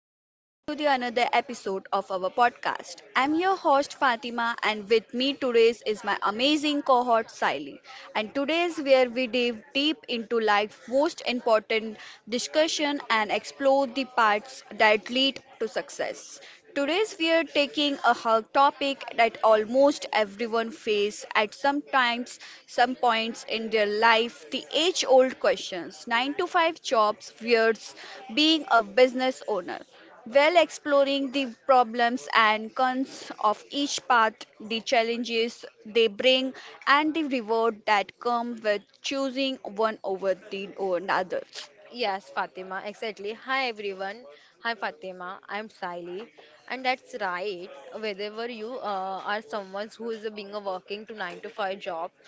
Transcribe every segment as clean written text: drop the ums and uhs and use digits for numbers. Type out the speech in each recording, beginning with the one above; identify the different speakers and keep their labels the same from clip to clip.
Speaker 1: welcome back to the another episode of our podcast. I'm your host Fatima and with me today is my amazing cohort Siley. And today's where we dive deep into life's most important discussion and explore the parts that lead to success. Today's we are taking a hot topic that almost everyone face at some times, some points in their life, the age-old questions, 9 to 5 jobs versus being a business owner. While exploring the problems and cons of each path, the challenges they bring, and the reward that come with choosing one over the another.
Speaker 2: Yes, Fatima, exactly. Hi everyone. Hi Fatima. I'm Siley. And that's right. Whenever you are someone who is being a working to 9 to 5 job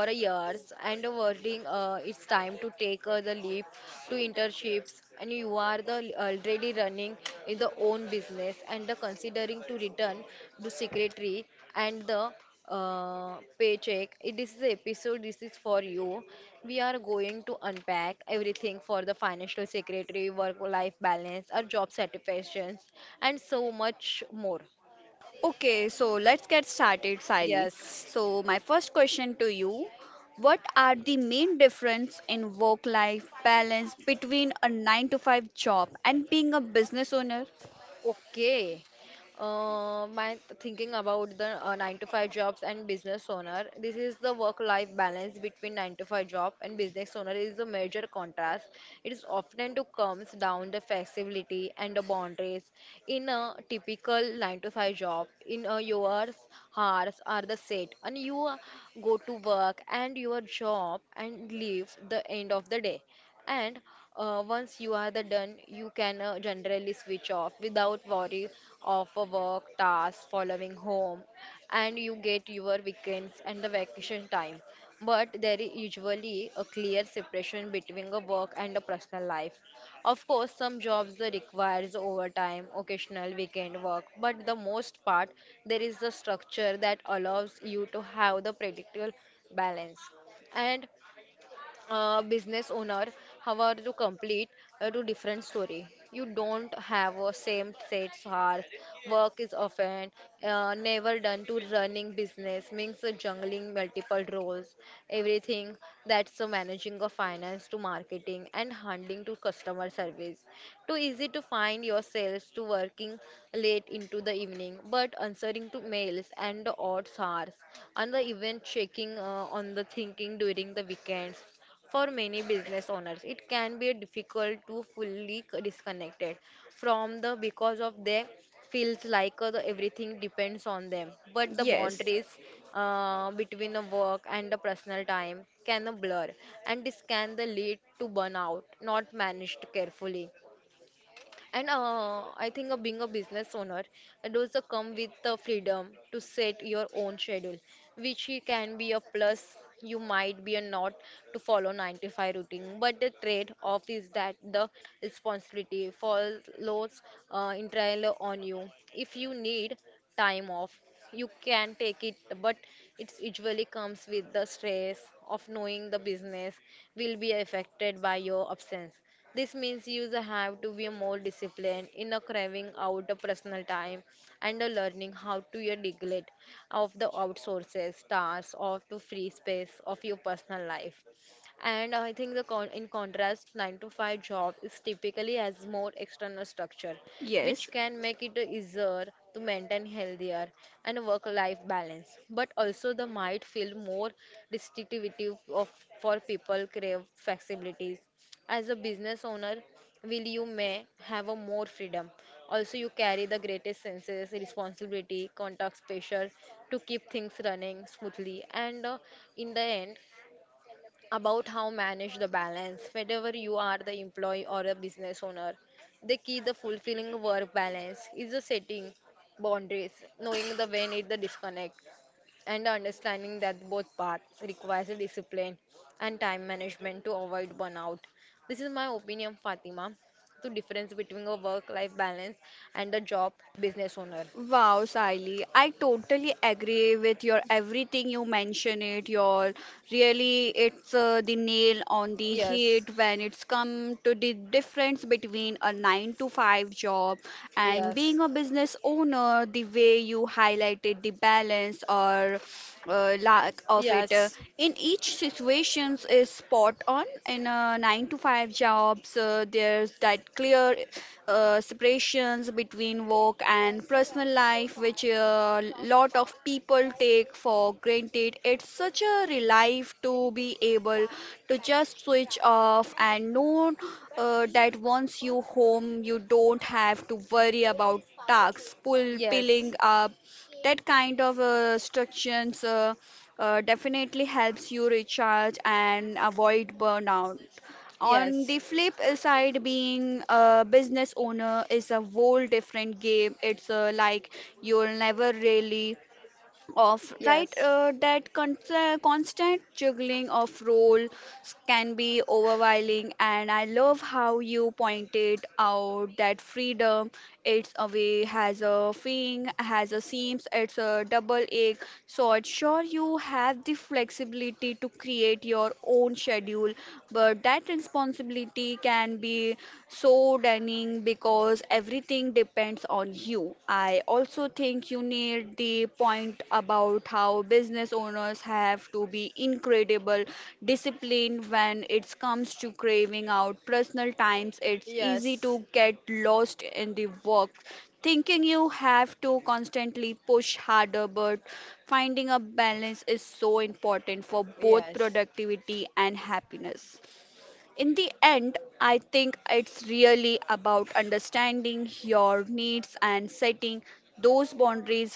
Speaker 2: for a years and a working it's time to take the leap to internships and you are the already running in the own business and considering to return to secretary and the paycheck. It is the episode. This is for you. We are going to unpack everything for the financial secretary, work-life balance, our job satisfactions, and so much more.
Speaker 1: Okay, so let's get started, Sally.
Speaker 2: Yes.
Speaker 1: So my first question to you, what are the main difference in work-life balance between a 9 to 5 job and being a business owner?
Speaker 2: Okay. My thinking about the 9 to 5 jobs and business owner. This is the work life balance between 9 to 5 job and business owner is a major contrast. It is often to comes down the flexibility and the boundaries. In a typical 9 to 5 job, in a yours hours are the set and you go to work and your job and leave the end of the day and once you are the done you can generally switch off without worry of a work task following home, and you get your weekends and the vacation time, but there is usually a clear separation between a work and a personal life. Of course, some jobs requires overtime occasional weekend work, but the most part there is a structure that allows you to have the predictable balance. And business owner however to complete to different story. You don't have a same set hours. Work is often never done to running business means juggling multiple roles, everything that's managing of finance to marketing and handling to customer service. Too easy to find yourselves to working late into the evening but answering to mails and the odd hours and the even checking on the thinking during the weekends. For many business owners, it can be difficult to fully disconnect it from the because of they feels like everything depends on them. But the
Speaker 1: Yes.
Speaker 2: boundaries between the work and the personal time can blur, and this can the lead to burnout not managed carefully. And I think of being a business owner, it also come with the freedom to set your own schedule, which can be a plus. You might be a not to follow 9 to 5 routine, but the trade-off is that the responsibility follows entirely on you. If you need time off, you can take it, but it usually comes with the stress of knowing the business will be affected by your absence. This means you have to be more disciplined in a carving out a personal time and a learning how to your neglect of the outsources, tasks, of the free space of your personal life. And I think in contrast, 9 to 5 job is typically has more external structure,
Speaker 1: Yes.
Speaker 2: which can make it easier to maintain healthier and work-life balance. But also, the might feel more restrictive of, for people crave flexibility as a business owner, will you may have a more freedom. Also, you carry the greatest senses, responsibility, contacts, pressure to keep things running smoothly. And in the end, about how manage the balance. Whether you are the employee or a business owner, the key the fulfilling work balance is the setting boundaries, knowing the when it the disconnect, and understanding that both paths requires a discipline and time management to avoid burnout. This is my opinion, Fatima, the difference between a work-life balance and a job business owner.
Speaker 1: Wow, Sally, I totally agree with your everything you mention it. Your really, it's the nail on the head
Speaker 2: Yes.
Speaker 1: when it's come to the difference between a 9 to 5 job and being a
Speaker 2: Yes.
Speaker 1: business owner. The way you highlighted the balance or lack of it
Speaker 2: Yes.
Speaker 1: in each situations is spot on in 9 to 5 jobs there's that clear separations between work and personal life, which a lot of people take for granted. It's such a relief to be able to just switch off and know that once you home you don't have to worry about tasks pull piling
Speaker 2: Yes.
Speaker 1: up. That kind of structures definitely helps you recharge and avoid burnout. On the
Speaker 2: Yes.
Speaker 1: flip side, being a business owner is a whole different game. It's like you'll never really of right,
Speaker 2: Yes.
Speaker 1: that constant juggling of roles can be overwhelming, and I love how you pointed out that freedom, it's a way has a thing has a seams, it's a double edged sword. Sure you have the flexibility to create your own schedule, but that responsibility can be so damning because everything depends on you. I also think you need the point about how business owners have to be incredible disciplined when it comes to craving out personal times. It's easy to
Speaker 2: Yes.
Speaker 1: get lost in the work thinking you have to constantly push harder, but finding a balance is so important for both productivity and happiness. In the end, I think it's really about understanding your needs and setting those boundaries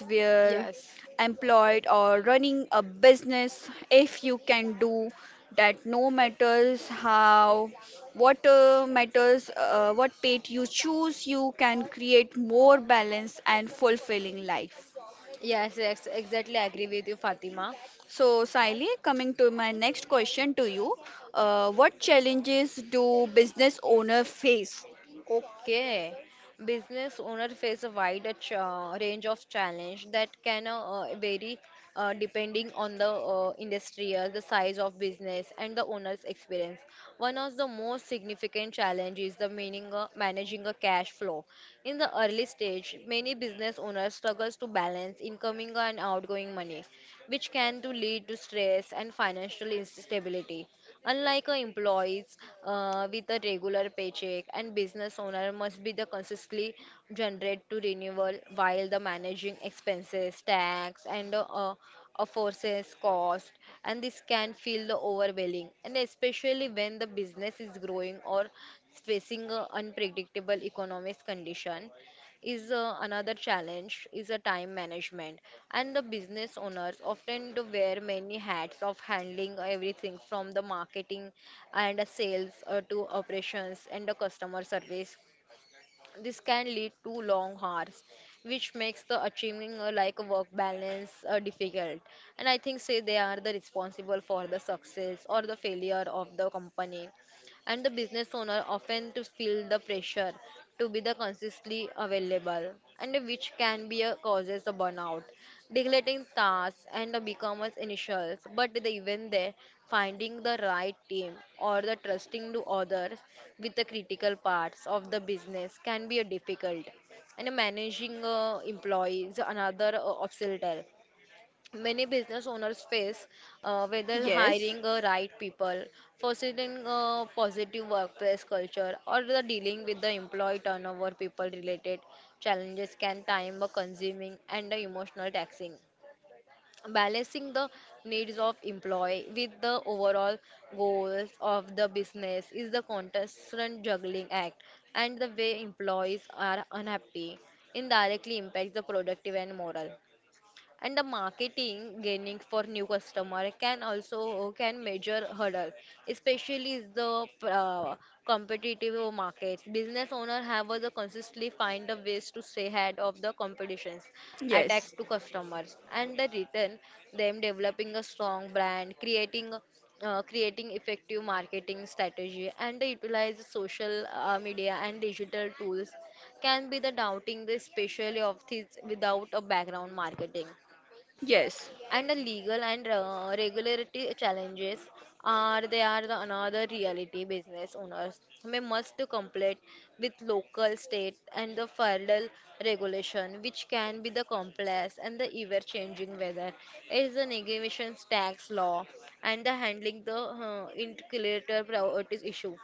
Speaker 2: Yes.
Speaker 1: where
Speaker 2: Yes.
Speaker 1: employed or running a business. If you can do that, no matters how, what matters, what path you choose, you can create more balanced and fulfilling life.
Speaker 2: Yes, ex exactly. Agree with you, Fatima.
Speaker 1: So, Siley, coming to my next question to you, what challenges do business owner face?
Speaker 2: Okay. Business owner face a wide range of challenge that can vary depending on the industry, the size of business, and the owner's experience. One of the most significant challenge is the meaning managing a cash flow. In the early stage, many business owners struggles to balance incoming and outgoing money, which can to lead to stress and financial instability. Unlike a employees with a regular paycheck, and business owner must be the consistently generate to renewal while the managing expenses, tax, and of forces cost. And this can feel the overwhelming, and especially when the business is growing or facing a unpredictable economic condition is another challenge is a time management. And the business owners often do wear many hats of handling everything from the marketing and the sales to operations and the customer service. This can lead to long hours, which makes the achieving like a work balance difficult. And I think say they are the responsible for the success or the failure of the company, and the business owner often to feel the pressure to be the consistently available, and which can be a causes of burnout, neglecting tasks and the becomers initials. But the even there, finding the right team or the trusting to others with the critical parts of the business can be a difficult. And managing employees another obstacle many business owners face, whether
Speaker 1: Yes,
Speaker 2: hiring the right people, fostering a positive workplace culture or the dealing with the employee turnover, people related challenges can time a consuming and the emotional taxing. Balancing the needs of employee with the overall goals of the business is the constant juggling act, and the way employees are unhappy indirectly impacts the productive and moral. And the marketing gaining for new customer can also can measure hurdle, especially is the competitive market business owner have the consistently find the ways to stay ahead of the competitions,
Speaker 1: yes,
Speaker 2: attack to customers and the return them, developing a strong brand, creating effective marketing strategy and they utilize social media and digital tools, can be the doubting the especially of these without a background marketing.
Speaker 1: yes,
Speaker 2: And the legal and regulatory challenges are they are the another reality business owners may must to complete with local state and the federal regulation, which can be the complex and the ever changing weather is the negation tax law and the handling the intercalator priorities issue,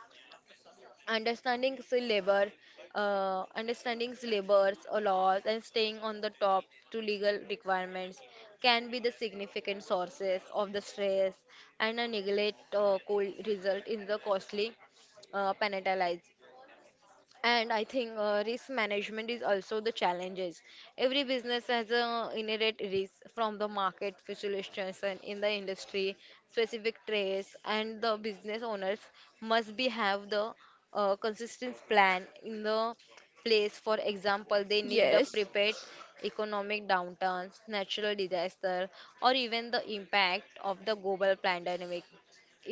Speaker 2: understanding labor, understanding the labor's or laws and staying on the top to legal requirements can be the significant sources of the stress, and a neglect could result in the costly penalties. And I think risk management is also the challenges. Every business has a inherent risk from the market fluctuations in the industry, specific trades, and the business owners must be have the consistent plan in the place. For example, they need the
Speaker 1: yes,
Speaker 2: prepared economic downturns, natural disaster, or even the impact of the global pandemic.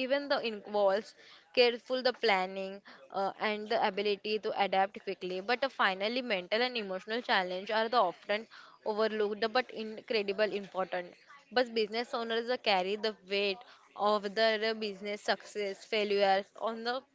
Speaker 2: Even the involves careful the planning and the ability to adapt quickly. But finally, mental and emotional challenge are the often overlooked but incredible important. But business owners carry the weight of their business success, failures on the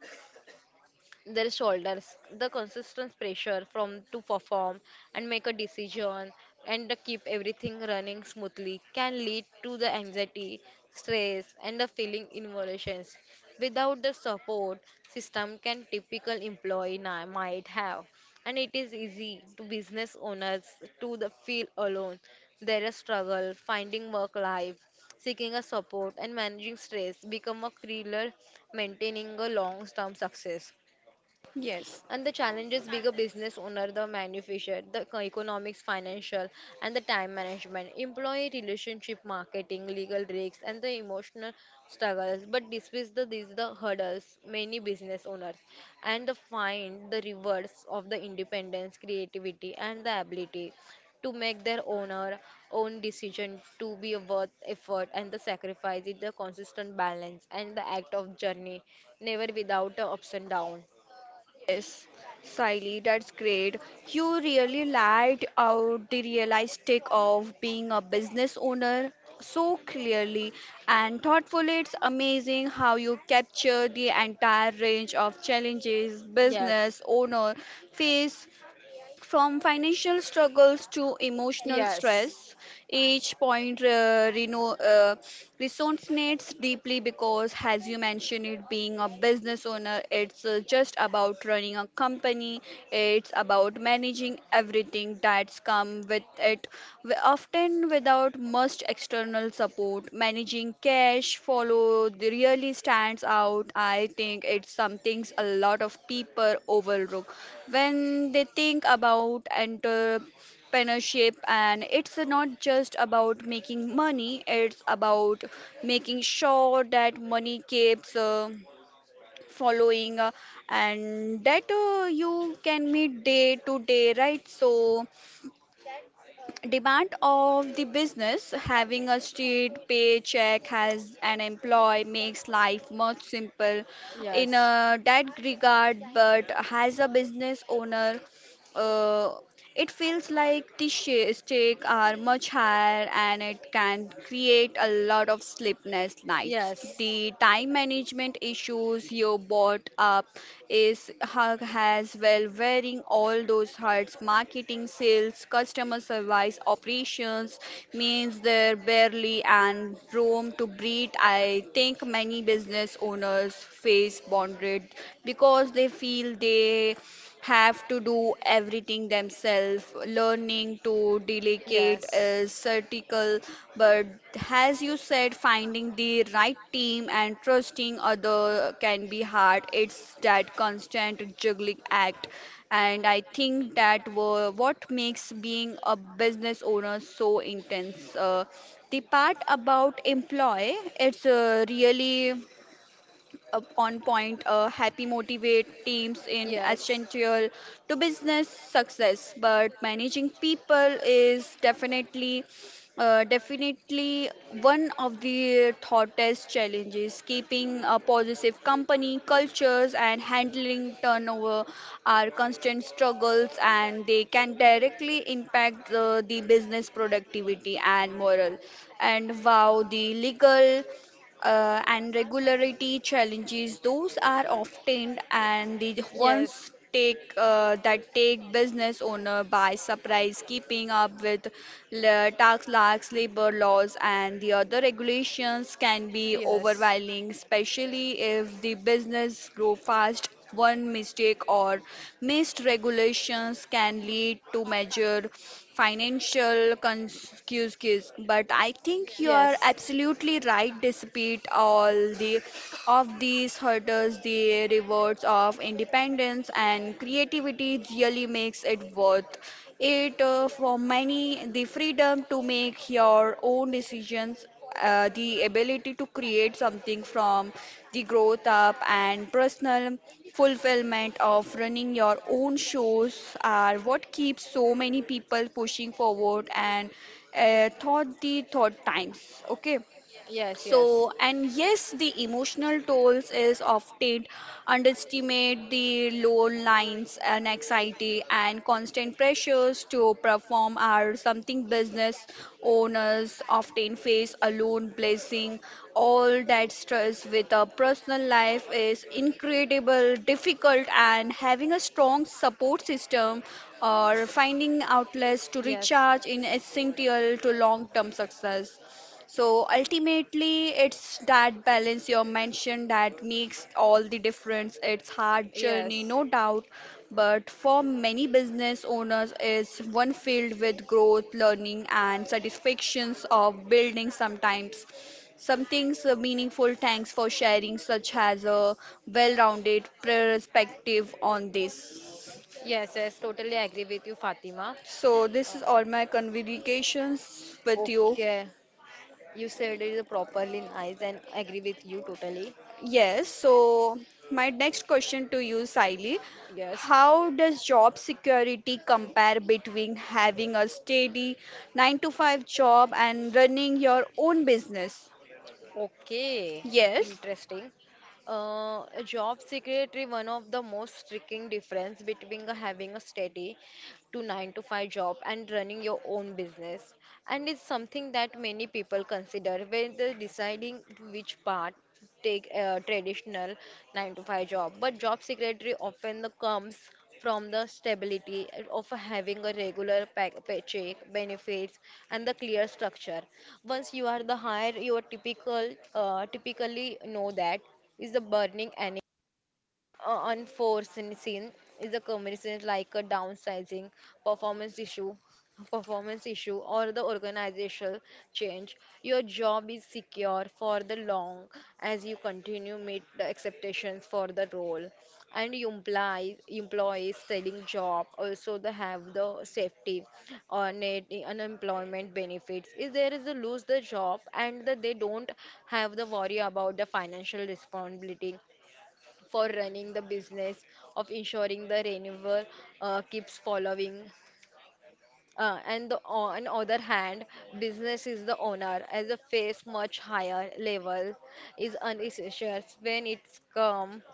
Speaker 2: their shoulders the consistent pressure from to perform and make a decision and to keep everything running smoothly can lead to the anxiety, stress and the feeling involutions without the support system can typical employee might have, and it is easy to business owners to the feel alone their struggle finding work life, seeking a support and managing stress become a killer maintaining a long term success.
Speaker 1: yes,
Speaker 2: And the challenges bigger business owner, the manufacturer, economics, financial, and the time management, employee relationship, marketing, legal risks, and the emotional struggles. But despite these the hurdles, many business owners and the find the rewards of the independence, creativity, and the ability to make their owner own decision to be a worth effort, and the sacrifice is the consistent balance and the act of journey never without the ups and downs.
Speaker 1: yes. Siley, that's great. You really laid out the realistic of being a business owner so clearly and thoughtfully. It's amazing how you capture the entire range of challenges business
Speaker 2: Yes.
Speaker 1: owner face. From financial struggles to emotional
Speaker 2: Yes.
Speaker 1: stress, each point, resonates deeply because, as you mentioned, it being a business owner, it's just about running a company, it's about managing everything that's come with it, often without much external support. Managing cash follow the really stands out. I think it's something a lot of people overlook when they think about entrepreneurship, and it's not just about making money, it's about making sure that money keeps following and that you can meet day to day, right? So demand of the business, having a straight paycheck has an employee makes life much simple in
Speaker 2: Yes.
Speaker 1: a that regard, but as a business owner, uh, it feels like the stakes are much higher and it can create a lot of sleepless nights.
Speaker 2: Yes.
Speaker 1: The time management issues you brought up is as well, wearing all those hats, marketing, sales, customer service, operations means there barely and room to breathe. I think many business owners face boundary because they feel they have to do everything themselves. Learning to delegate
Speaker 2: Yes.
Speaker 1: is critical, but as you said, finding the right team and trusting other can be hard. It's that constant juggling act, and I think that what makes being a business owner so intense. The part about employee, it's really up on point, happy motivate teams in essential to business success. But managing people is definitely one of the hottest challenges. Keeping a positive company cultures and handling turnover are constant struggles, and they can directly impact the business productivity and morale. And wow, the legal and regularity challenges, those are often and the
Speaker 2: Yes.
Speaker 1: ones take that take business owner by surprise, keeping up with tax laws, labor laws, and the other regulations can
Speaker 2: Yes.
Speaker 1: be
Speaker 2: Yes.
Speaker 1: overwhelming, especially if the business grow fast. One mistake or missed regulations can lead to major financial consequences. But I think you are
Speaker 2: Yes.
Speaker 1: absolutely right. Despite all the of these hurdles, the rewards of independence and creativity really makes it worth it for many. The freedom to make your own decisions, the ability to create something from the growth up and personal fulfillment of running your own shows are what keeps so many people pushing forward and thought the thought times. Okay,
Speaker 2: Yes, yes.
Speaker 1: so, and yes, the emotional tolls is often underestimate, the low lines and anxiety and constant pressures to perform are something business owners often face alone, blessing all that stress with a personal life is incredible difficult, and having a strong support system or finding outlets to
Speaker 2: Yes.
Speaker 1: recharge in essential to long-term success. So ultimately, it's that balance you mentioned that makes all the difference. It's hard journey,
Speaker 2: Yes.
Speaker 1: no doubt, but for many business owners, it's one filled with growth, learning, and satisfactions of building. Sometimes, something so meaningful. Thanks for sharing such as a well-rounded perspective on this.
Speaker 2: Yes, yes, totally agree with you, Fatima.
Speaker 1: So this
Speaker 2: Uh,
Speaker 1: is all my communications with you.
Speaker 2: okay, you said it properly nice and I agree with you totally.
Speaker 1: Yes, so my next question to you, Saili.
Speaker 2: Yes.
Speaker 1: How does job security compare between having a steady 9 to 5 job and running your own business?
Speaker 2: Okay,
Speaker 1: Yes,
Speaker 2: interesting. A job secretary, one of the most striking difference between a having a steady to 9 to 5 job and running your own business, and it's something that many people consider when they're deciding which part take a traditional 9 to 5 job, but job secretary often comes from the stability of having a regular paycheck benefits and the clear structure. Once you are the hire you are typically know that is the burning unforeseen scene is a commission like a downsizing, performance issue or the organizational change, your job is secure for the long as you continue meet the expectations for the role. And you employ employees selling job, also they have the safety or net unemployment benefits if there is a lose the job, and they don't have the worry about the financial responsibility for running the business of ensuring the renewal keeps following. On other hand, business is the owner as a face much higher level is unessential when it's come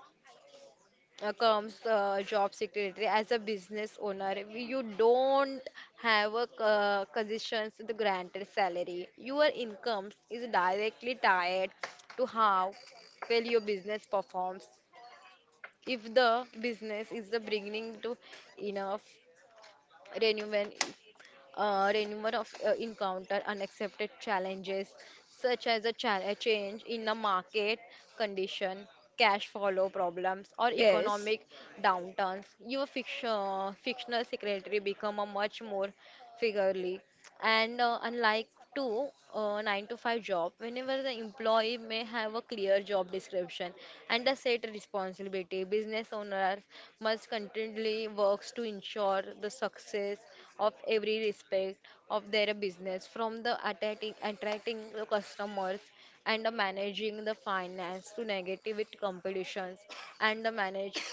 Speaker 2: comes job secretary. As a business owner you don't have a conditions to the granted salary, your income is directly tied to how well your business performs. If the business is the beginning to enough revenue, Renumar of encounter unaccepted challenges such as a change in the market condition, cash follow problems, or
Speaker 1: yes,
Speaker 2: economic downturns. Your fictional secretary become a much more figurely, and unlike to 9 to 5 job whenever the employee may have a clear job description and a set responsibility, business owners must continually works to ensure the success of every respect of their business, from the attracting the customers and the managing the finance to negative with competitions, and the manage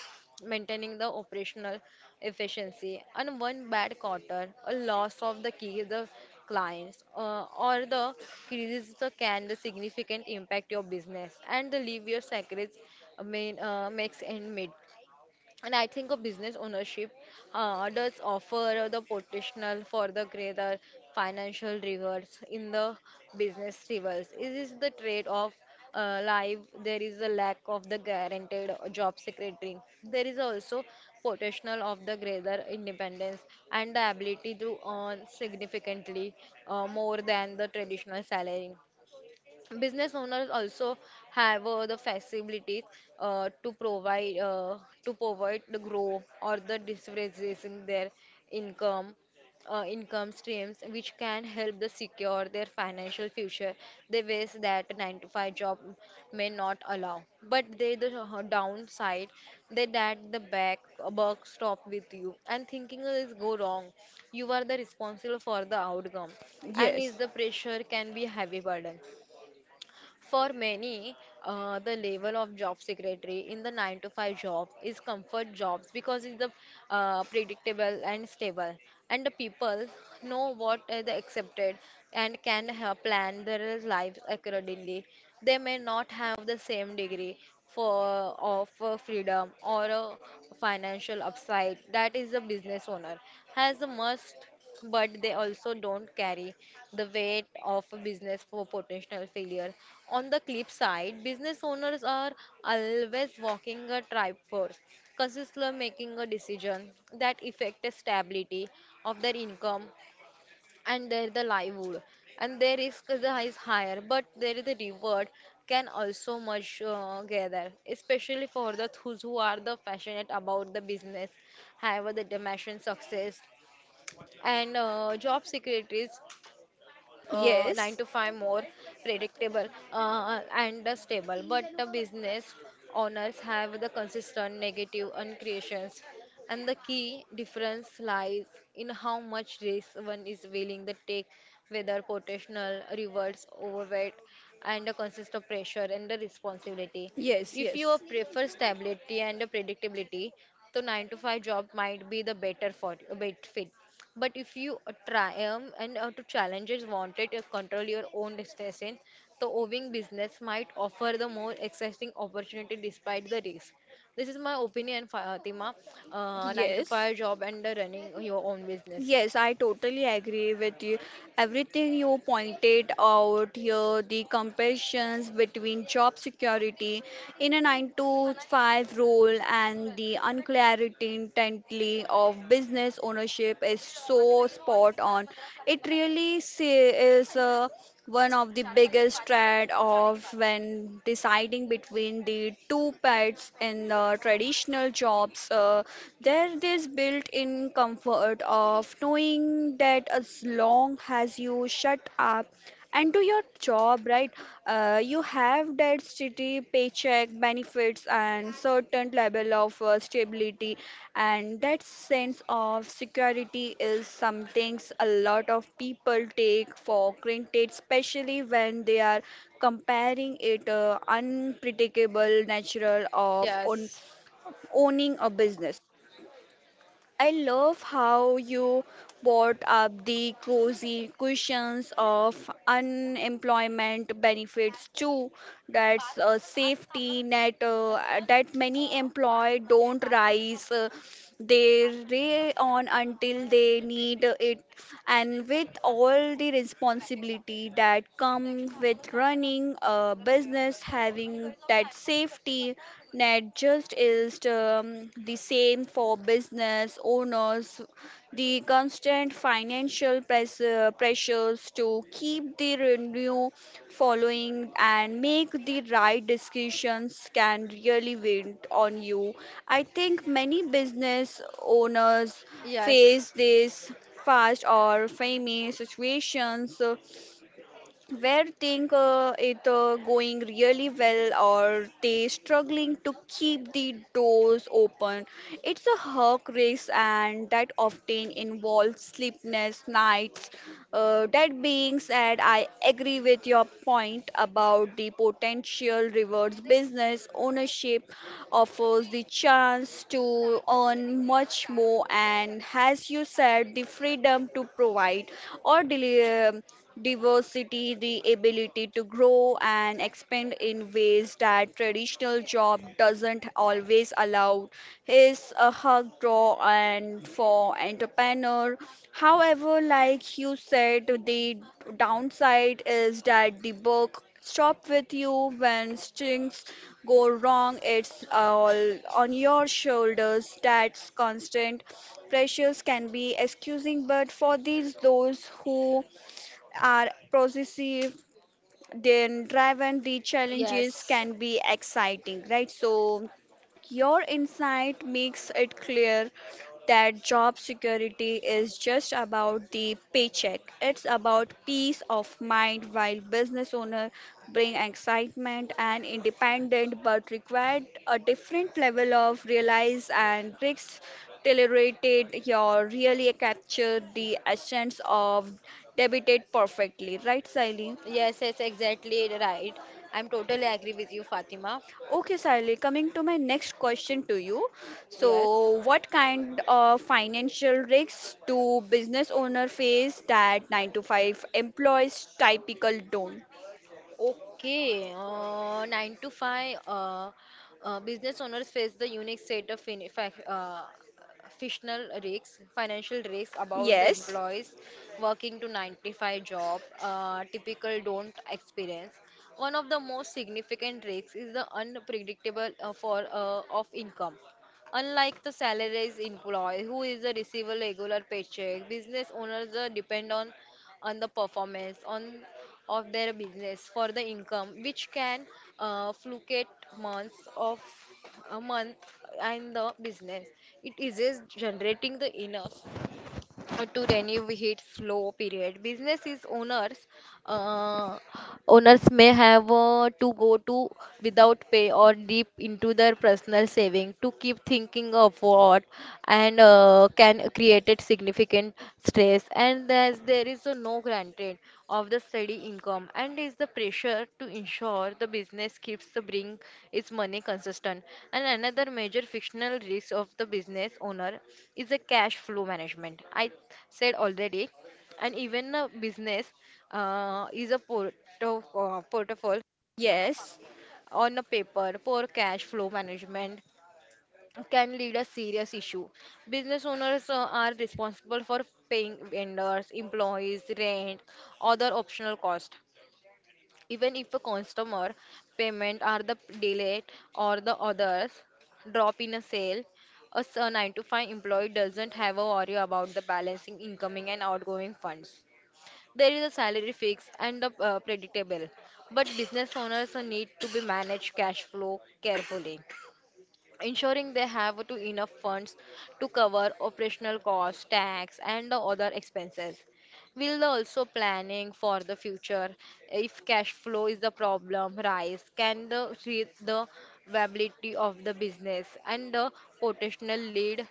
Speaker 2: maintaining the operational efficiency. And one bad quarter, a loss of the key the clients, or the crisis the can the significant impact your business and the leave your secrets main makes and meet. And I think a business ownership does offer the potential for the greater financial rewards in the business rivals. It is the trade of life. There is a lack of the guaranteed job security. There is also potential of the greater independence and the ability to earn significantly more than the traditional salary. Business owners also have the facilities uh, to provide uh, to provide the growth or the diversification their income, income streams which can help the secure their financial future the ways that a 9 to 5 job may not allow. But they the downside, they that the back buck stop with you and thinking is go wrong, you are the responsible for the outcome, and is
Speaker 1: yes,
Speaker 2: the pressure can be heavy burden for many. The level of job secretary in the 9 to 5 job is comfort jobs because it's the predictable and stable, and the people know what is accepted and can plan their lives accordingly. They may not have the same degree for of freedom or a financial upside that is a business owner has the must, but they also don't carry the weight of a business for potential failure. On the flip side, business owners are always walking a triforce, consistently making a decision that affect the stability of their income and their the livelihood. And their risk is higher, but there is the reward can also much gather, especially for the those who are the passionate about the business, have the determination success. And job security is 9
Speaker 1: yes,
Speaker 2: to 5 more predictable and stable, but the business owners have the consistent negative uncreations. And the key difference lies in how much risk one is willing to take, whether potential rewards overweight and a consistent pressure and the responsibility.
Speaker 1: yes,
Speaker 2: If you prefer stability and predictability, the 9 to 5 job might be the better for bet fit. But if you triumph and to challenges wanted to control your own destination, the owing business might offer the more exciting opportunity despite the risk. This is my opinion, Fatima.
Speaker 1: yes,
Speaker 2: Nine to
Speaker 1: yes,
Speaker 2: five job and running your own business.
Speaker 1: yes, I totally agree with you. Everything you pointed out here, the comparisons between job security in a 9 to 5 role and the unclarity intently of business ownership is so spot on. It really say, is a one of the biggest trade off when deciding between the two pets in the traditional jobs, there is built-in comfort of knowing that as long as you shut up and do your job right, you have that steady paycheck benefits and certain level of stability. And that sense of security is something a lot of people take for granted, especially when they are comparing it unpredictable natural of
Speaker 2: Yes.
Speaker 1: owning a business. I love how you brought up the crazy questions of unemployment benefits too. That's a safety net that many employed don't rise. They rely on until they need it, and with all the responsibility that come with running a business, having that safety net just is the same for business owners. The constant financial pressures to keep the revenue following and make the right decisions can really weigh on you. I think many business owners face this fast or famous situations, where think it going really well or they struggling to keep the doors open, it's a hawk race and that often involves sleepless nights. That being said, I agree with your point about the potential rewards business ownership offers, the chance to earn much more, and as you said, the freedom to provide or deliver diversity, the ability to grow and expand in ways that traditional job doesn't always allow is a hug draw and for entrepreneur. However, like you said, the downside is that the book stop with you when things go wrong. It's all on your shoulders. That's constant. Pressures can be excusing, but for these those who are possessive, then driven, the challenges
Speaker 2: Yes.
Speaker 1: can be exciting, right? So your insight makes it clear that job security is just about the paycheck. It's about peace of mind while business owners bring excitement and independent but required a different level of realize and risk tolerated, your really captured the essence of debited perfectly, right Siley?
Speaker 2: Yes, yes, exactly right. I'm totally agree with you, Fatima.
Speaker 1: Okay, Sally, coming to my next question to you.
Speaker 2: Yes.
Speaker 1: So, what kind of financial risks do business owner face that 9 to 5 employees typical don't?
Speaker 2: Okay, 9 to 5 business owners face the unique set of financial risks about the
Speaker 1: Yes,
Speaker 2: employees working to 95 job, typical don't experience. One of the most significant risks is the unpredictable for of income. Unlike the salaries employee who is a receiver regular paycheck, business owners depend on the performance on of their business for the income, which can fluctuate months of a month. And the business, it is just generating the enough to renew hit slow period. Business is owners. Uh, Owners may have to go to without pay or deep into their personal saving to keep thinking of what, and can create significant. Yes, and as there is a no granted of the steady income, and is the pressure to ensure the business keeps the bring its money consistent. And another major fictional risk of the business owner is the cash flow management. I said already. And even a business is a port of, portfolio
Speaker 1: yes,
Speaker 2: on a paper, poor cash flow management can lead a serious issue. Business owners are responsible for paying vendors, employees, rent, other optional costs. Even if a customer payment are the delayed or the others drop in a sale, a 9 to 5 employee doesn't have a worry about the balancing incoming and outgoing funds. There is a salary fix and the predictable, but business owners need to be manage cash flow carefully, ensuring they have to enough funds to cover operational costs, tax, and the other expenses. Will also planning for the future. If cash flow is the problem, rise can the viability of the business and the potential lead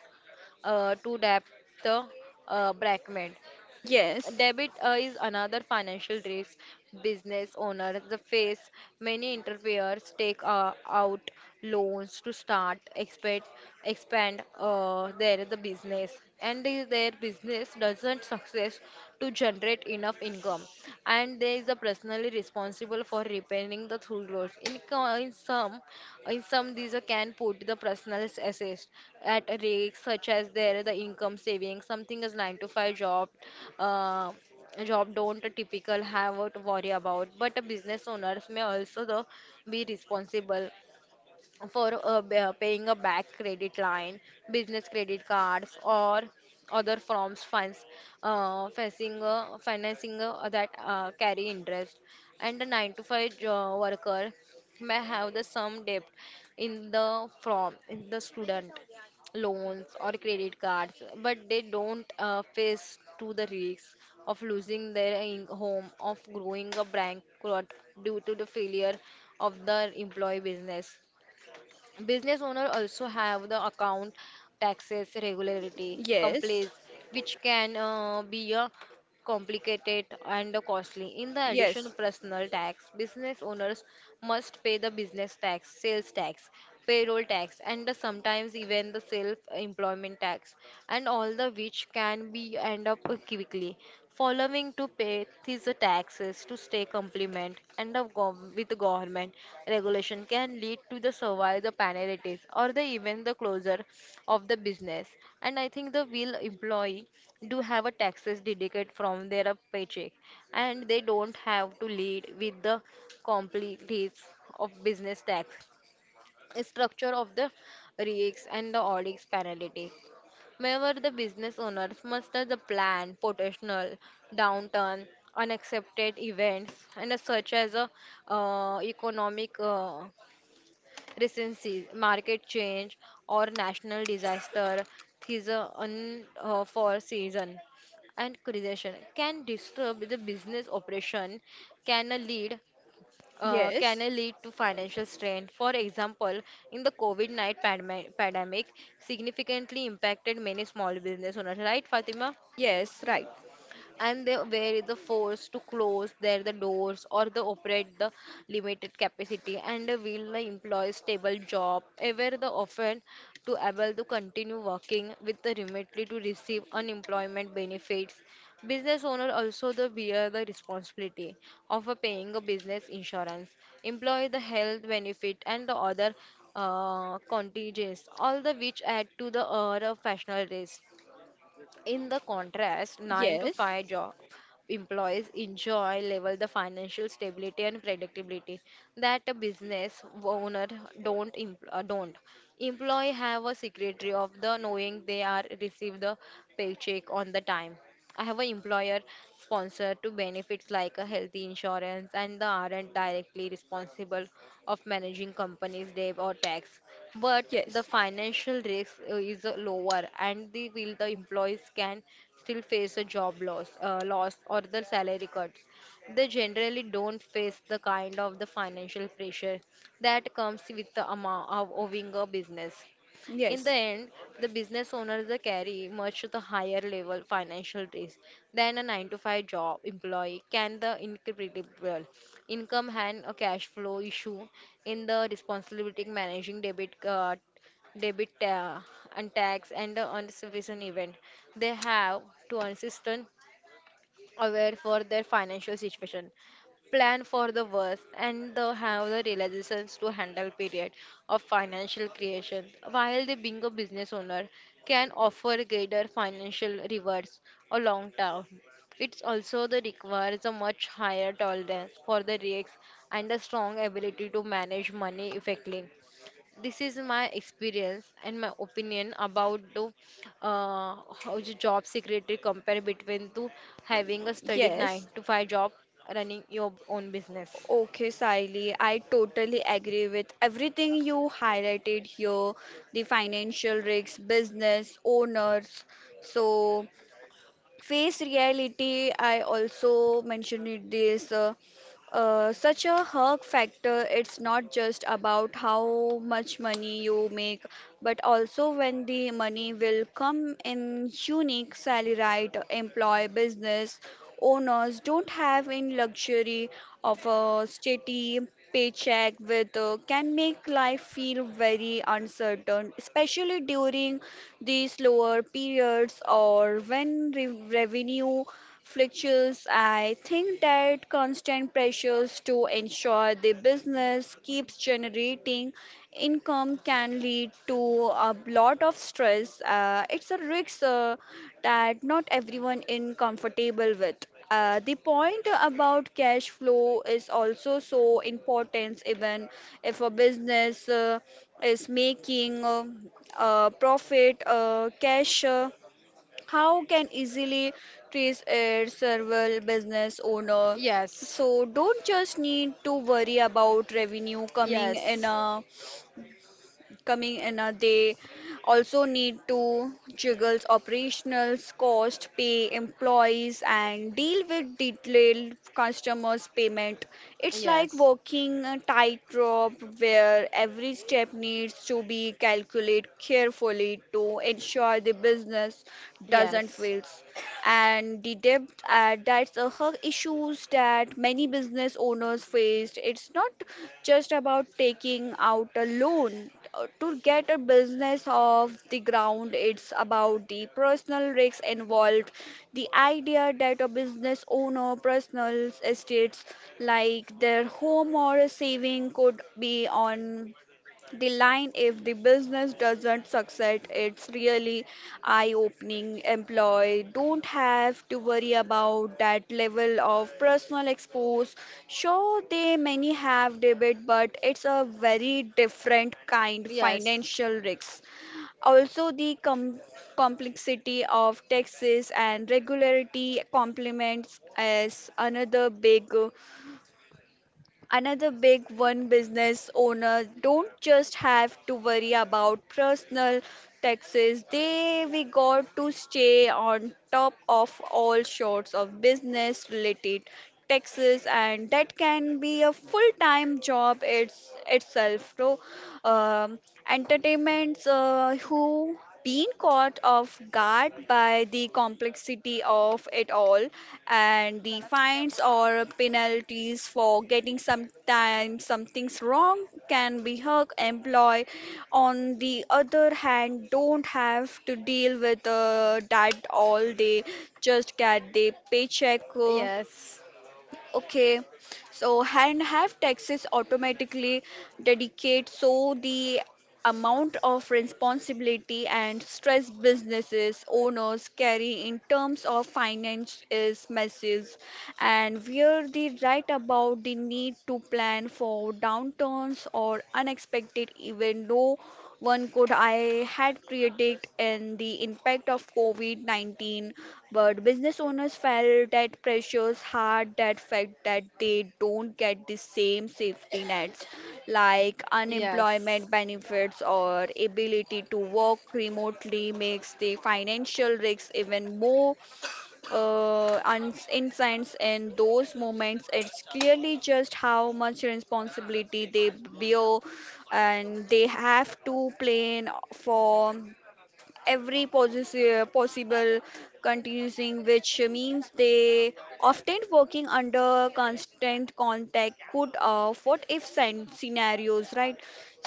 Speaker 2: to debt the brackment.
Speaker 1: yes,
Speaker 2: Debit is another financial risk. Business owners the face many interferes, take out loans to start, expand their the business. And if their business doesn't success to generate enough income, and there is a personally responsible for repairing the through roads. In some, in some these are can put the personal assets at a risk, such as there the income saving, something as 9 to 5 job, uh, job don't typical have to worry about. But a business owners may also be responsible for paying a back credit line, business credit cards, or other forms funds, facing financing that carry interest. And a 9 to 5 worker may have the sum debt in the from in the student loans or credit cards, but they don't face to the risk of losing their home, of growing a bankrupt due to the failure of the employee business. Business owner also have the account taxes regularity
Speaker 1: yes,
Speaker 2: complaints which can be a complicated and costly. In the addition
Speaker 1: yes,
Speaker 2: personal tax, business owners must pay the business tax, sales tax, payroll tax, and sometimes even the self employment tax, and all the which can be end up quickly. Following to pay these taxes to stay compliant and the with the government regulation can lead to the survive the penalties or the even the closure of the business. And I think the will employee do have a taxes dedicated from their paycheck, and they don't have to lead with the complexities of business tax structure of the risks and the audits penalty. Whenever the business owners muster the plan, potential, downturn, unaccepted events, and as such as a, economic recession, market change, or national disaster, these are unforeseen and creation can disrupt the business operation, can lead uh, can
Speaker 1: yes,
Speaker 2: lead to financial strain. For example, in the COVID-19 pandemic, significantly impacted many small business owners, right, Fatima?
Speaker 1: yes, right.
Speaker 2: And they were the forced to close their the doors or the operate the limited capacity. And will the employ stable job ever the often to able to continue working with the remotely to receive unemployment benefits. Business owner also the bear the responsibility of a paying a business insurance, employ the health benefit and the other contingents, all the which add to the professional risk. In the contrast, 9 to
Speaker 1: Yes,
Speaker 2: 5 job employees enjoy level the financial stability and predictability that a business owner don't employee have a secretary of the knowing they are receive the paycheck on the time. I have an employer sponsor to benefits like a healthy insurance and the aren't directly responsible of managing company's debt or tax. But the
Speaker 1: yes,
Speaker 2: financial risk is lower, and the will the employees can still face a job loss, loss or the salary cuts. They generally don't face the kind of the financial pressure that comes with the amount of owning a business. In the
Speaker 1: yes,
Speaker 2: end, the business owners they carry much the higher level financial risk than a 9 to 5 job employee can the incredible income and a cash flow issue in the responsibility managing debit card debit ta- and tax and the anticipation event. They have to consistent aware for their financial situation, plan for the worst, and the have the realizations to handle period of financial creation. While they being a business owner can offer greater financial rewards or long term. It also the requires a much higher tolerance for the risks and a strong ability to manage money effectively. This is my experience and my opinion about the uh, how the job security compare between to having a studied 9
Speaker 1: yes,
Speaker 2: to 5 job running your own business.
Speaker 1: okay, Saili, I totally agree with everything you highlighted here, the financial risks, business owners. So face reality, I also mentioned it this, such a hug factor, it's not just about how much money you make, but also when the money will come in. Unique salary right employee, business owners don't have in luxury of a steady paycheck with, can make life feel very uncertain, especially during the slower periods or when revenue fluctuates. I think that constant pressures to ensure the business keeps generating income can lead to a lot of stress. It's a risk that not everyone is comfortable with. The point about cash flow is also so important even if a business is making profit, cash, how can easily trace a several business owner.
Speaker 2: Yes,
Speaker 1: So don't just need to worry about revenue coming in.
Speaker 2: yes,
Speaker 1: Coming in a they also need to juggle operationals cost, pay employees and deal with detailed customers payment. It's like
Speaker 2: yes,
Speaker 1: walking a tightrope where every step needs to be calculated carefully to ensure the business doesn't
Speaker 2: yes,
Speaker 1: fail. And the debt, that's a hug issues that many business owners faced. It's not just about taking out a loan to get a business off the ground, it's about the personal risks involved. The idea that a business owner, personal estates like their home or a saving could be on the line, if the business doesn't succeed, it's really eye-opening. Employee don't have to worry about that level of personal expose. Sure, they many have debit, but it's a very different kind
Speaker 2: yes.
Speaker 1: financial risk. Also, the complexity of taxes and regularity complements as another big. Another big one, business owners don't just have to worry about personal taxes. They we got to stay on top of all sorts of business related taxes, and that can be a full-time job it's itself. So um, entertainments who been caught off guard by the complexity of it all, and the fines or penalties for getting sometimes some things wrong can be hurt. Employee on the other hand don't have to deal with that all day, just get the paycheck
Speaker 2: Coconut, yes.
Speaker 1: okay, so and have taxes automatically dedicate. So the amount of responsibility and stress businesses owners carry in terms of finance is massive, and where they write about the need to plan for downturns or unexpected even though one could I had created in the impact of COVID-19, but business owners felt that pressures hard. That fact that they don't get the same safety nets like
Speaker 2: Yes.
Speaker 1: unemployment benefits or ability to work remotely makes the financial risks even more insights in those moments. It's clearly just how much responsibility they bear, and they have to plan for every possible continuing, which means they often working under constant contact, could what if scenarios, right?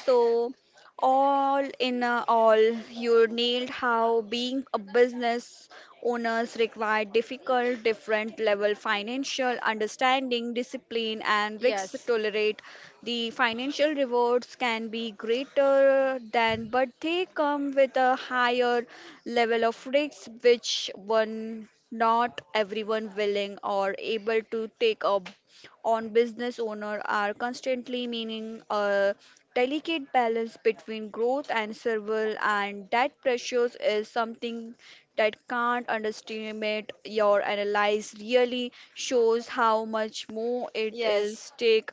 Speaker 1: So all, you nailed how being a business owners require difficult, different level financial understanding, discipline,
Speaker 2: Pancake
Speaker 1: and risks
Speaker 2: yes with
Speaker 1: tolerate. The financial rewards can be greater than, but they come with a higher level of risks, which one not everyone willing or able to take up on. Business owner are constantly meaning delicate balance between growth and survival, and that pressures is something that can't underestimate. Your analyze really shows how much more
Speaker 2: coconut.
Speaker 1: it is
Speaker 2: Yes.
Speaker 1: take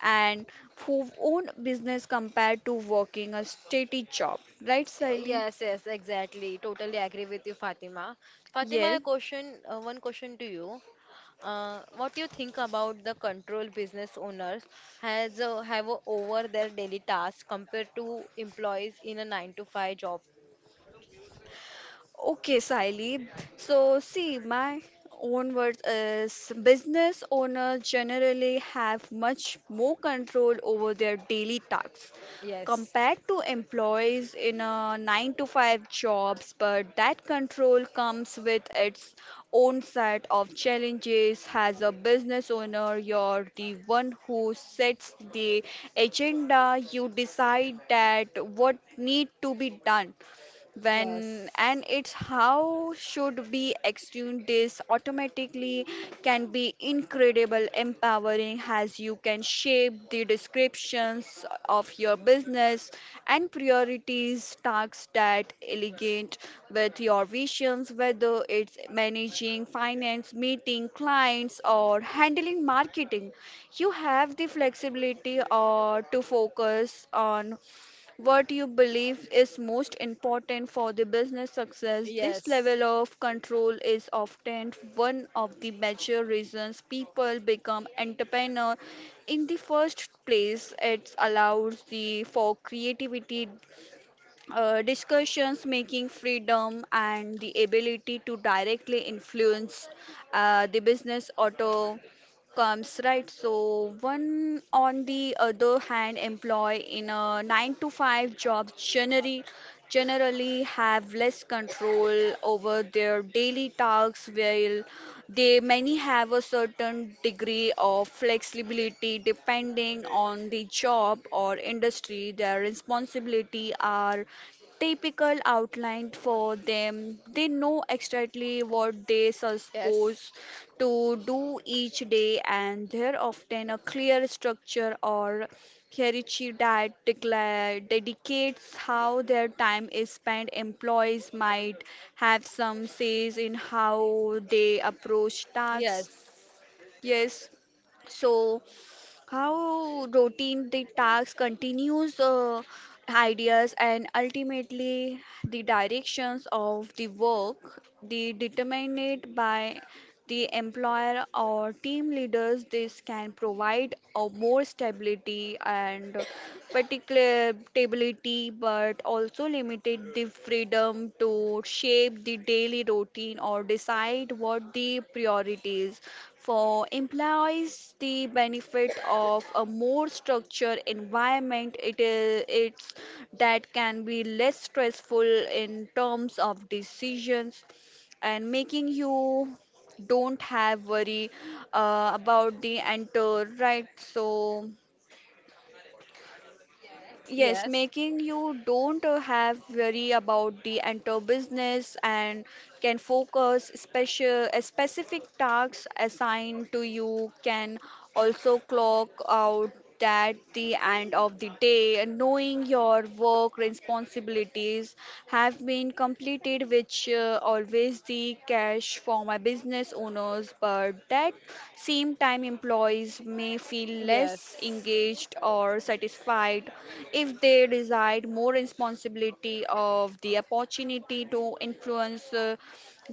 Speaker 1: and who own business compared to working a steady job, right Sally?
Speaker 2: Yes, yes, exactly. Totally agree with you, Fatima. Fatima,
Speaker 1: Yeah.
Speaker 2: a question, one question to you. What do you think about the control business owners has have over their daily tasks compared to employees in a 9 to 5 job?
Speaker 1: Okay, Saili. So, see, my own words is business owners generally have much more control over their daily tasks
Speaker 2: Yes.
Speaker 1: compared to employees in a 9 to 5 jobs, but that control comes with its own set of challenges. As a business owner, you're the one who sets the agenda, you decide that what need to be done
Speaker 2: Yes.
Speaker 1: when and it's how should be extune this automatically can be incredible empowering as you can shape the descriptions of your business and priorities tasks that elegant with your visions, whether it's managing finance, meeting clients or handling marketing. You have the flexibility or to focus on what you believe is most important for the business success. This
Speaker 2: Yes.
Speaker 1: level of control is often one of the major reasons people become entrepreneur in the first place. It allows the for creativity, discussions making freedom and the ability to directly influence the business auto comes, right? So one on the other hand, employee in a 9 to 5 job generally have less control over their daily tasks. While they many have a certain degree of flexibility depending on the job or industry, their responsibility are typical outline for them. They know exactly what they
Speaker 2: Yes.
Speaker 1: supposed to do each day, and there often a clear structure or hierarchy that dedicates how their time is spent. Employees might have some says in how they approach
Speaker 2: Yes.
Speaker 1: tasks. Yes, so how routine the task continues, ideas and ultimately the directions of the work they determine it by the employer or team leaders. This can provide a more stability and particular stability, but also limited the freedom to shape the daily routine or decide what the priorities for employees. The benefit of a more structured environment it is, it's that can be less stressful in terms of decisions and making. You don't have worry about the enter, right? So yes,
Speaker 2: Yes.
Speaker 1: making you don't have worry about the enter business and can focus special specific tasks assigned to you. Can also clock out at the end of the day and knowing your work responsibilities tasks have been completed, which always the cash for my business owners. But that same time, employees may feel less
Speaker 2: Yes.
Speaker 1: engaged or satisfied if they desired more responsibility of the opportunity to influence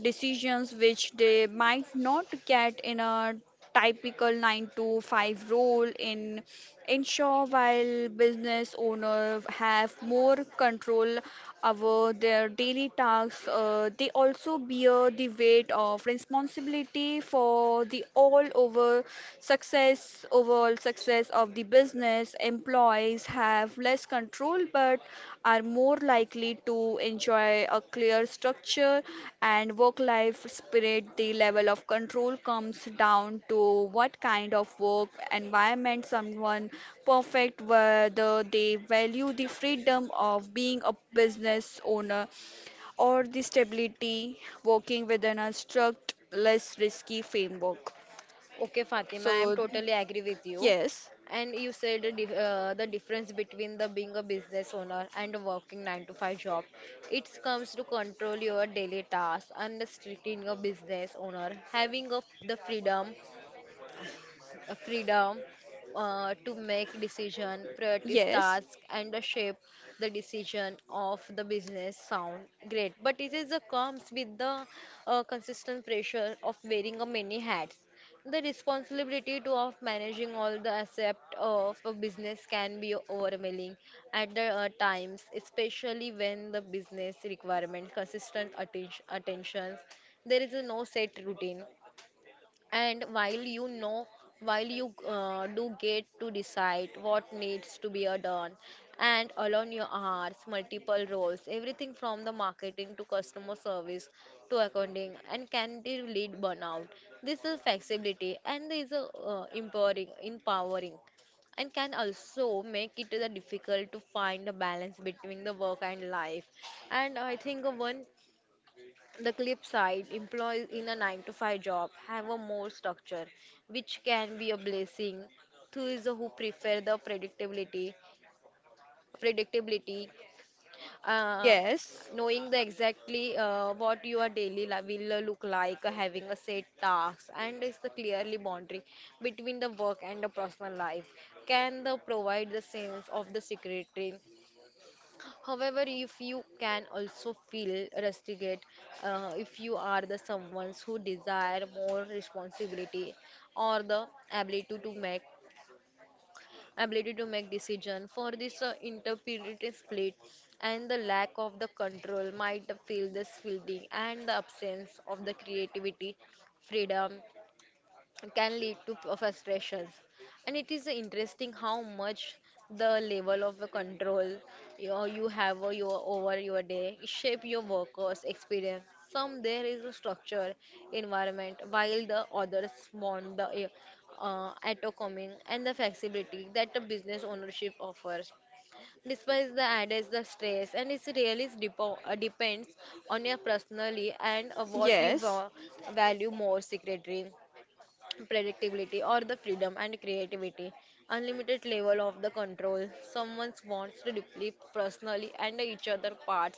Speaker 1: decisions, which they might not get in a typical 9 to 5 role. In ensure, while business owners have more control over their daily tasks, they also bear the weight of responsibility for the overall success of the business. Employees have less control but are more likely to enjoy a clear structure and work life spirit. The level of control comes down to what kind of work environment someone perfect, whether they value the freedom of being a business owner or the stability working within a strict, less risky framework.
Speaker 2: Okay, Fatima,
Speaker 1: So,
Speaker 2: I am totally agree with you.
Speaker 1: yes,
Speaker 2: And you said the difference between the being a business owner and a working 9 to 5 job. It comes to control your daily tasks and restricting a business owner having of the freedom to make decision, prioritize
Speaker 1: yes,
Speaker 2: task, and the shape the decision of the business sound great. But it is comes with the consistent pressure of wearing a many hats. The responsibility to of managing all the aspect of a business can be overwhelming at the times, especially when the business requirement consistent attention. There is a no set routine and while you do get to decide what needs to be done and alone your hours, multiple roles, everything from the marketing to customer service to accounting and can they lead burnout. This is flexibility and this is empowering and can also make it difficult to find a balance between the work and life. And I think, one the clip side, employees in a 9 to 5 job have a more structure, which can be a blessing to those who prefer the predictability, uh,
Speaker 1: yes,
Speaker 2: knowing the exactly what your daily life will look like, having a set tasks, and is the clearly boundary between the work and the personal life can the provide the sense of the security. However, if you can also feel rusticate, if you are the someone who desire more responsibility or the ability to make decision for this interpretive split, and the lack of the control might feel this feeling and the absence of the creativity freedom can lead to frustrations. And it is interesting how much the level of the control you have over your day shape your workers experience. Some there is a structure environment while the others want the autonomy and the flexibility that the business ownership offers despite the adds the stress. And it really is depends on your personally and what you
Speaker 1: yes.
Speaker 2: value more secretary predictability or the freedom and creativity unlimited level of the control someone wants to deeply personally and each other parts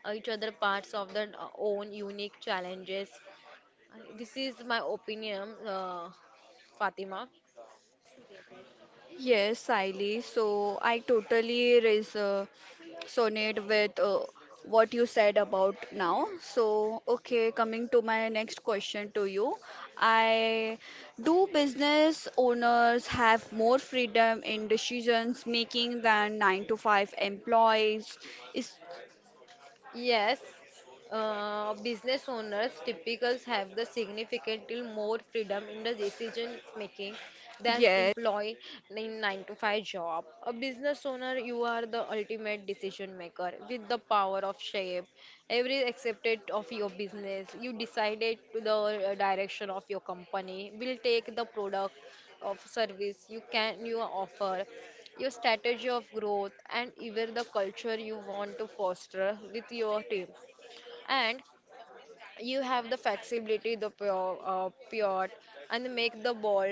Speaker 2: uh, each other parts of their own unique challenges. This is my opinion, Fatima.
Speaker 1: Yes, Siley. So I totally res sonate with what you said about now. So, okay, coming to my next question to you. I do business owners have more freedom in decisions making than 9 to 5 employees? Is
Speaker 2: Yes, business owners typically have the significantly more freedom in the decision making than
Speaker 1: yes,
Speaker 2: employee in 9 to 5 job. A business owner, you are the ultimate decision maker with the power of shape. Every aspect of your business, you decided to the direction of your company will take the product of service you offer your strategy of growth and even the culture you want to foster with your team, and you have the flexibility the pure and make the bold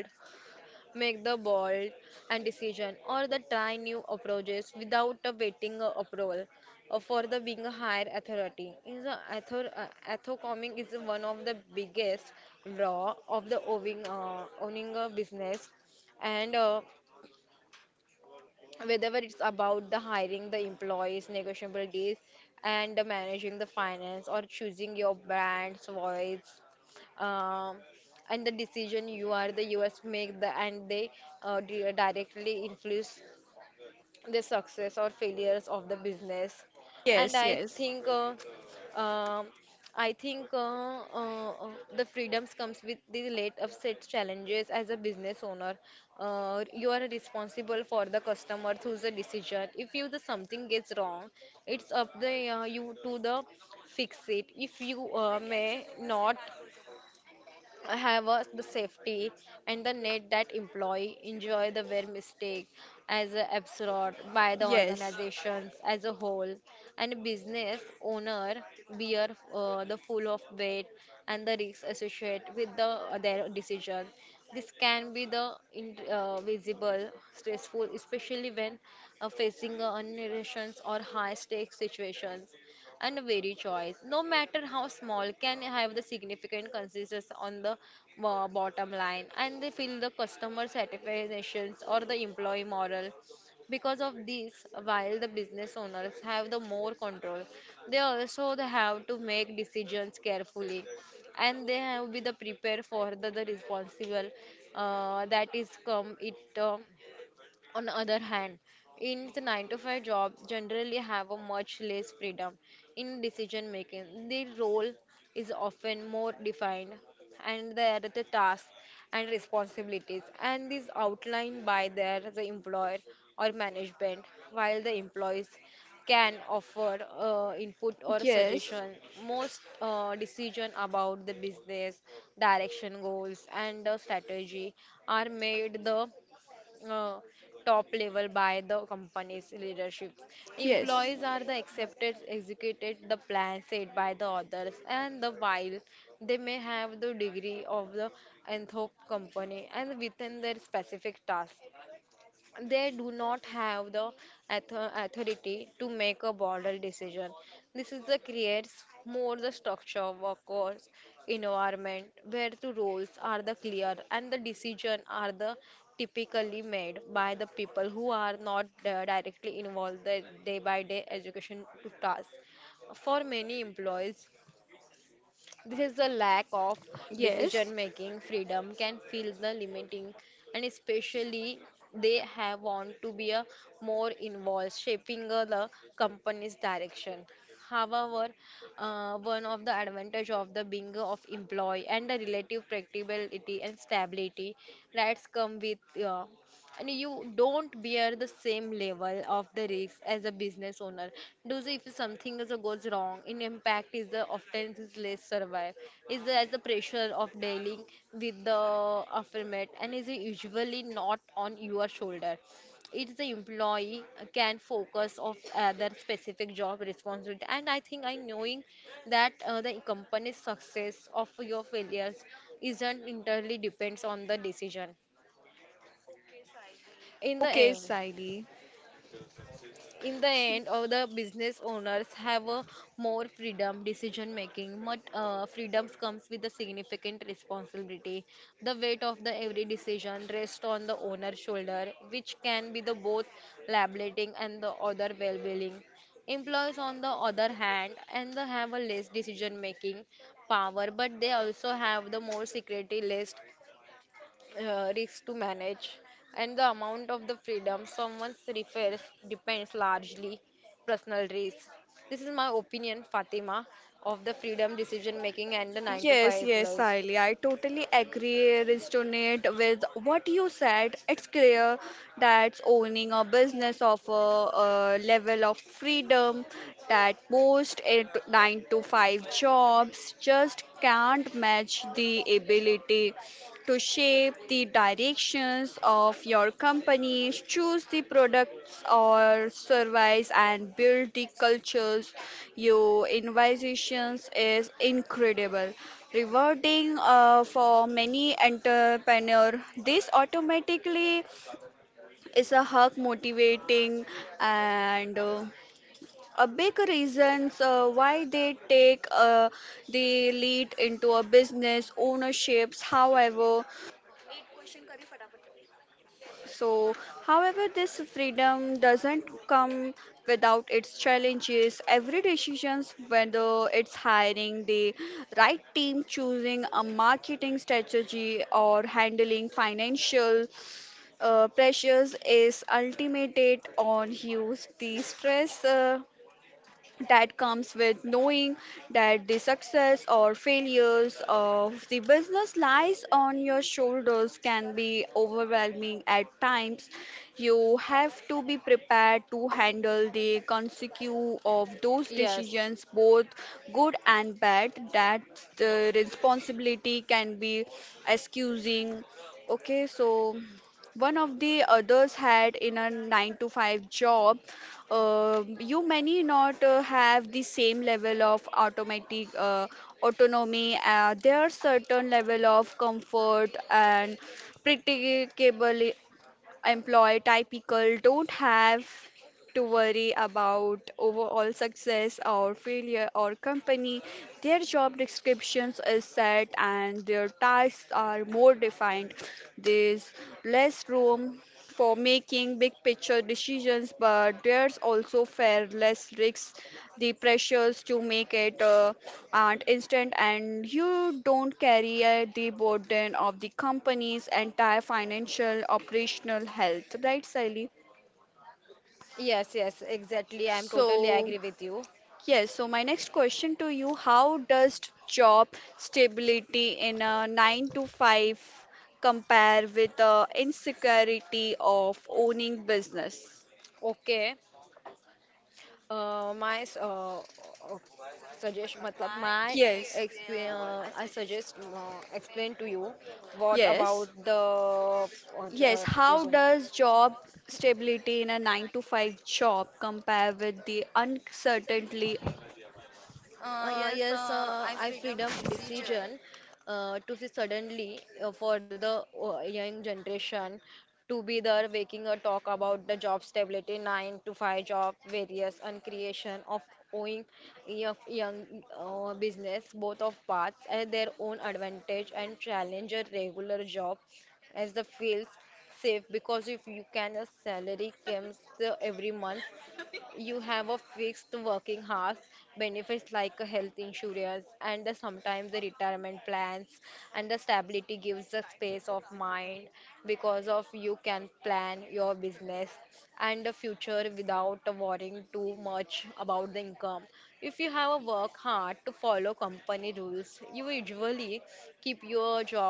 Speaker 2: make the bold and decision or the try new approaches without waiting approval for the being a higher authority is a authorcoming is one of the biggest draw of the owning a business. And whether it's about the hiring the employees negotiable deals and the managing the finance or choosing your brand's voice, um, and the decision you are the us make the and they directly influence the success or failures of the business. And
Speaker 1: yes, yes.
Speaker 2: um I think the freedoms comes with the late upset challenges as a business owner. You are responsible for the customer through the decision. If you the something gets wrong it's up the you to the fix it. If you may not I have the safety and the net that employee enjoy the were mistake as a absorbed by the
Speaker 1: Yes.
Speaker 2: organizations as a whole. And a business owner bear the full of weight and the risks associated with their decision. This can be visible stressful, especially when facing unnervations or high stakes situations. And a varied choice, no matter how small, can have the significant consequences on the bottom line and they feel the customer satisfaction or the employee moral. Because of this, while the business owners have the more control, they also they have to make decisions carefully and they have to be the prepared for the responsible that is come it. On the other hand, in the 9 to 5 jobs generally have a much less freedom in decision making. The role is often more defined and there are the tasks and responsibilities and is outlined by their the employer or management while the employees can offer input or
Speaker 1: Yes.
Speaker 2: suggestion. Most decision about the business direction goals and the strategy are made the uh, top level by the company's leadership.
Speaker 1: Yes.
Speaker 2: Employees are the accepted, executed the plan set by the others, and the while they may have the degree of the anthop company and within their specific task, they do not have the authority to make a border decision. This is the creates more the structure, workforce, environment where the roles are the clear and the decision are the typically made by the people who are not directly involved the day by day education to task. For many employees, this is the lack of decision
Speaker 1: Yes.
Speaker 2: making freedom can feel the limiting, and especially they have want to be a more involved, shaping the company's direction. However, one of the advantage of the being of employee and the relative predictability and stability that's come with, and you don't bear the same level of the risk as a business owner. Those if something is a goes wrong, in impact is the often is less survive. Is the, as the pressure of dealing with the affirmate and is usually not on your shoulder. It's the employee can focus of other specific job responsibility. And I think I knowing that the company's success of your failures isn't entirely depends on the decision. in the
Speaker 1: Okay,
Speaker 2: end
Speaker 1: Siley.
Speaker 2: in the end all the business owners have a more freedom decision making, but freedoms comes with a significant responsibility. The weight of the every decision rests on the owner's shoulder which can be the both liberating and the other well-being. Employees on the other hand and they have a less decision making power but they also have the more security list risks to manage, and the amount of the freedom someone refers depends largely personal risks. This is my opinion, Fatima, of the freedom decision making and the 9 to 5
Speaker 1: Yes, yes,
Speaker 2: life.
Speaker 1: Sally. I totally agree, resonate with what you said. It's clear that owning a business of a level of freedom that most eight, nine to five jobs just can't match the ability to shape the directions of your companies, choose the products or service, and build the cultures. Your innovations is incredible. Rewarding for many entrepreneur, this automatically is a hug motivating, and a big reasons why they take the lead into a business ownerships. So, However, this freedom doesn't come without its challenges. Every decision, whether it's hiring the right team, choosing a marketing strategy, or handling financial pressures, is ultimated on you. The stress that comes with knowing that the success or failures of the business lies on your shoulders can be overwhelming at times. You have to be prepared to handle the consequence of those
Speaker 2: Yes,
Speaker 1: decisions, both good and bad, that the responsibility can be excusing. Okay, so. One of the others had in a 9 to 5 job. You many not have the same level of automatic autonomy. There are certain level of comfort and predictable. Employee typical don't have to worry about overall success or failure or company. Their job descriptions is set and their tasks are more defined. There's less room for making big picture decisions, but there's also far less risks, the pressures to make it aren't instant, and you don't carry the burden of the company's entire financial operational health, right, Sally?
Speaker 2: yes, yes, exactly. I'm totally agree
Speaker 1: So.
Speaker 2: with you.
Speaker 1: Yes, so my next question to you, how does job stability in a 9 to 5 compare with the insecurity of owning business?
Speaker 2: Okay. My suggestion, matlab, my
Speaker 1: Yes.
Speaker 2: explain, I suggest explain to you what about
Speaker 1: Yes.
Speaker 2: the j-
Speaker 1: Yes,
Speaker 2: the
Speaker 1: how does job stability in a 9 to 5 job compare with the
Speaker 2: j-
Speaker 1: uncertainty?
Speaker 2: yes, I freedom decision to see suddenly for the young generation to be there waking a talk about the job stability, 9 to 5 job, various and creation of owing of young business, both of paths at their own advantage and challenge a regular job as the feels safe because if you can a salary comes every month. You have a fixed working hours, benefits like a health insurance and the, sometimes the retirement plans and the stability gives a space of mind because of you can plan your business and the future without worrying too much about the income. If you have a work hard to follow company rules, you usually keep your job,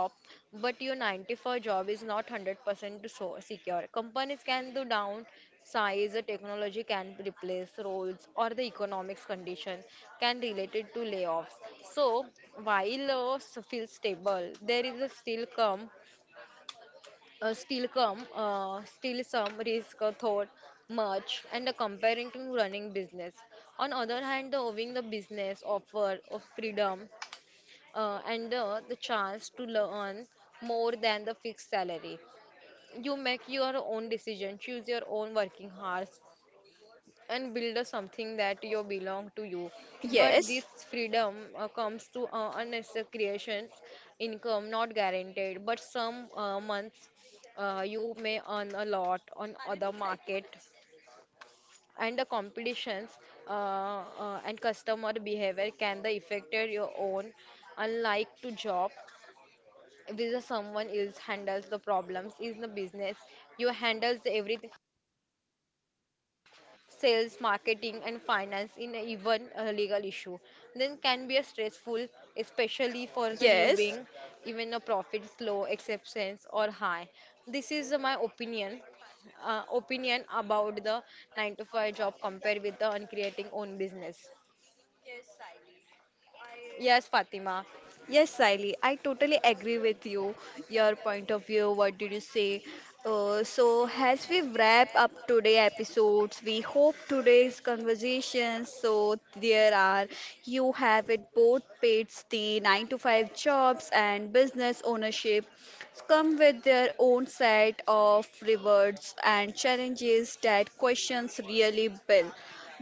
Speaker 2: but your 94 job is not 100% so secure. Companies can do down size, technology can replace roles or the economics condition can related to layoffs. So while feel stable, there is a still some risk thought much and comparing to running business. On other hand, the owning the business offer of freedom, and the chance to learn more than the fixed salary. You make your own decision, choose your own working hours, and build a something that you belong to you. But this
Speaker 1: Yes.
Speaker 2: freedom comes to unnecessary creations. Income not guaranteed but some months you may earn a lot on other market and the competitions, and customer behavior can the affected your own unlike to job with the someone else handles the problems is the business you handles everything sales, marketing, and finance in a even a legal issue. Then can be a stressful, especially for the new being,
Speaker 1: Yes.
Speaker 2: even a profit low, exceptions or high. This is my opinion about the 9 to 5 job compared with the on creating own business. Yes, Fatima.
Speaker 1: Yes, Siley, I totally agree with you. Your point of view, what did you say? So, as we wrap up today episodes, we hope today's conversations. So, there are you have it both pits, the 9 to 5 jobs and business ownership come with their own set of rewards and challenges. That questions really build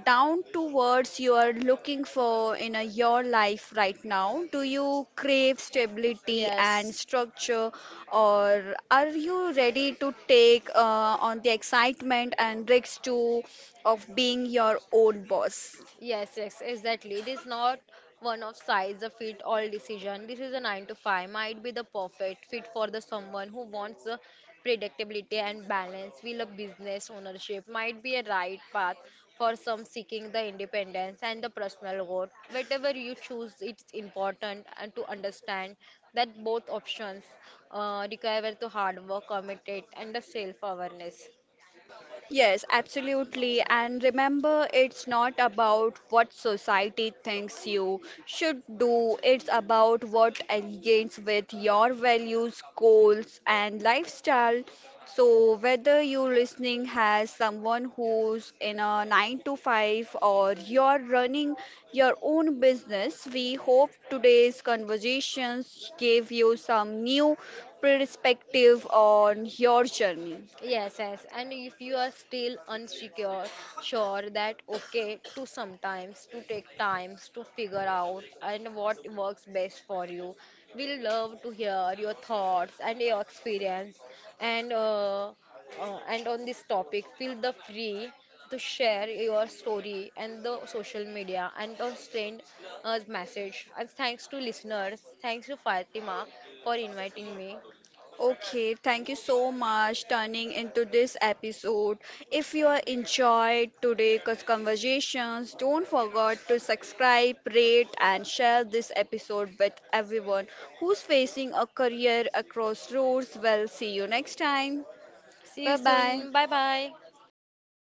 Speaker 1: down to words you are looking for in a, your life right now? Do you crave stability
Speaker 2: Yes.
Speaker 1: and structure, or are you ready to take on the excitement and risks too of being your own boss?
Speaker 2: Yes, yes, exactly. It is not one of size a fit all decision. This is a 9 to 5 might be the perfect fit for the someone who wants the predictability and balance. Will a business ownership might be a right path for some seeking the independence and the personal growth. Whatever you choose, it's important and to understand that both options require the hard work, commitment, and the self-awareness.
Speaker 1: Yes, absolutely. And remember, it's not about what society thinks you should do, it's about what aligns with your values, goals, and lifestyle. So, whether you're listening has someone who's in a 9 to 5 or you're running your own business, we hope today's conversations gave you some new perspective on your journey.
Speaker 2: Yes, yes. And if you are still unsecure, sure that okay to sometimes to take times to figure out and what works best for you. We love to hear your thoughts and your experience and uh, and on this topic, feel the free to share your story and the social media and on send us message. And thanks to listeners, thanks to Fatima for inviting me.
Speaker 1: Okay, thank you so much turning into this episode. If you are enjoyed today's conversations, don't forget to subscribe, rate and share this episode with everyone who's facing a career across roads. Well, see you next time.
Speaker 2: See you
Speaker 1: Bye
Speaker 2: soon.
Speaker 1: bye.
Speaker 2: Bye bye.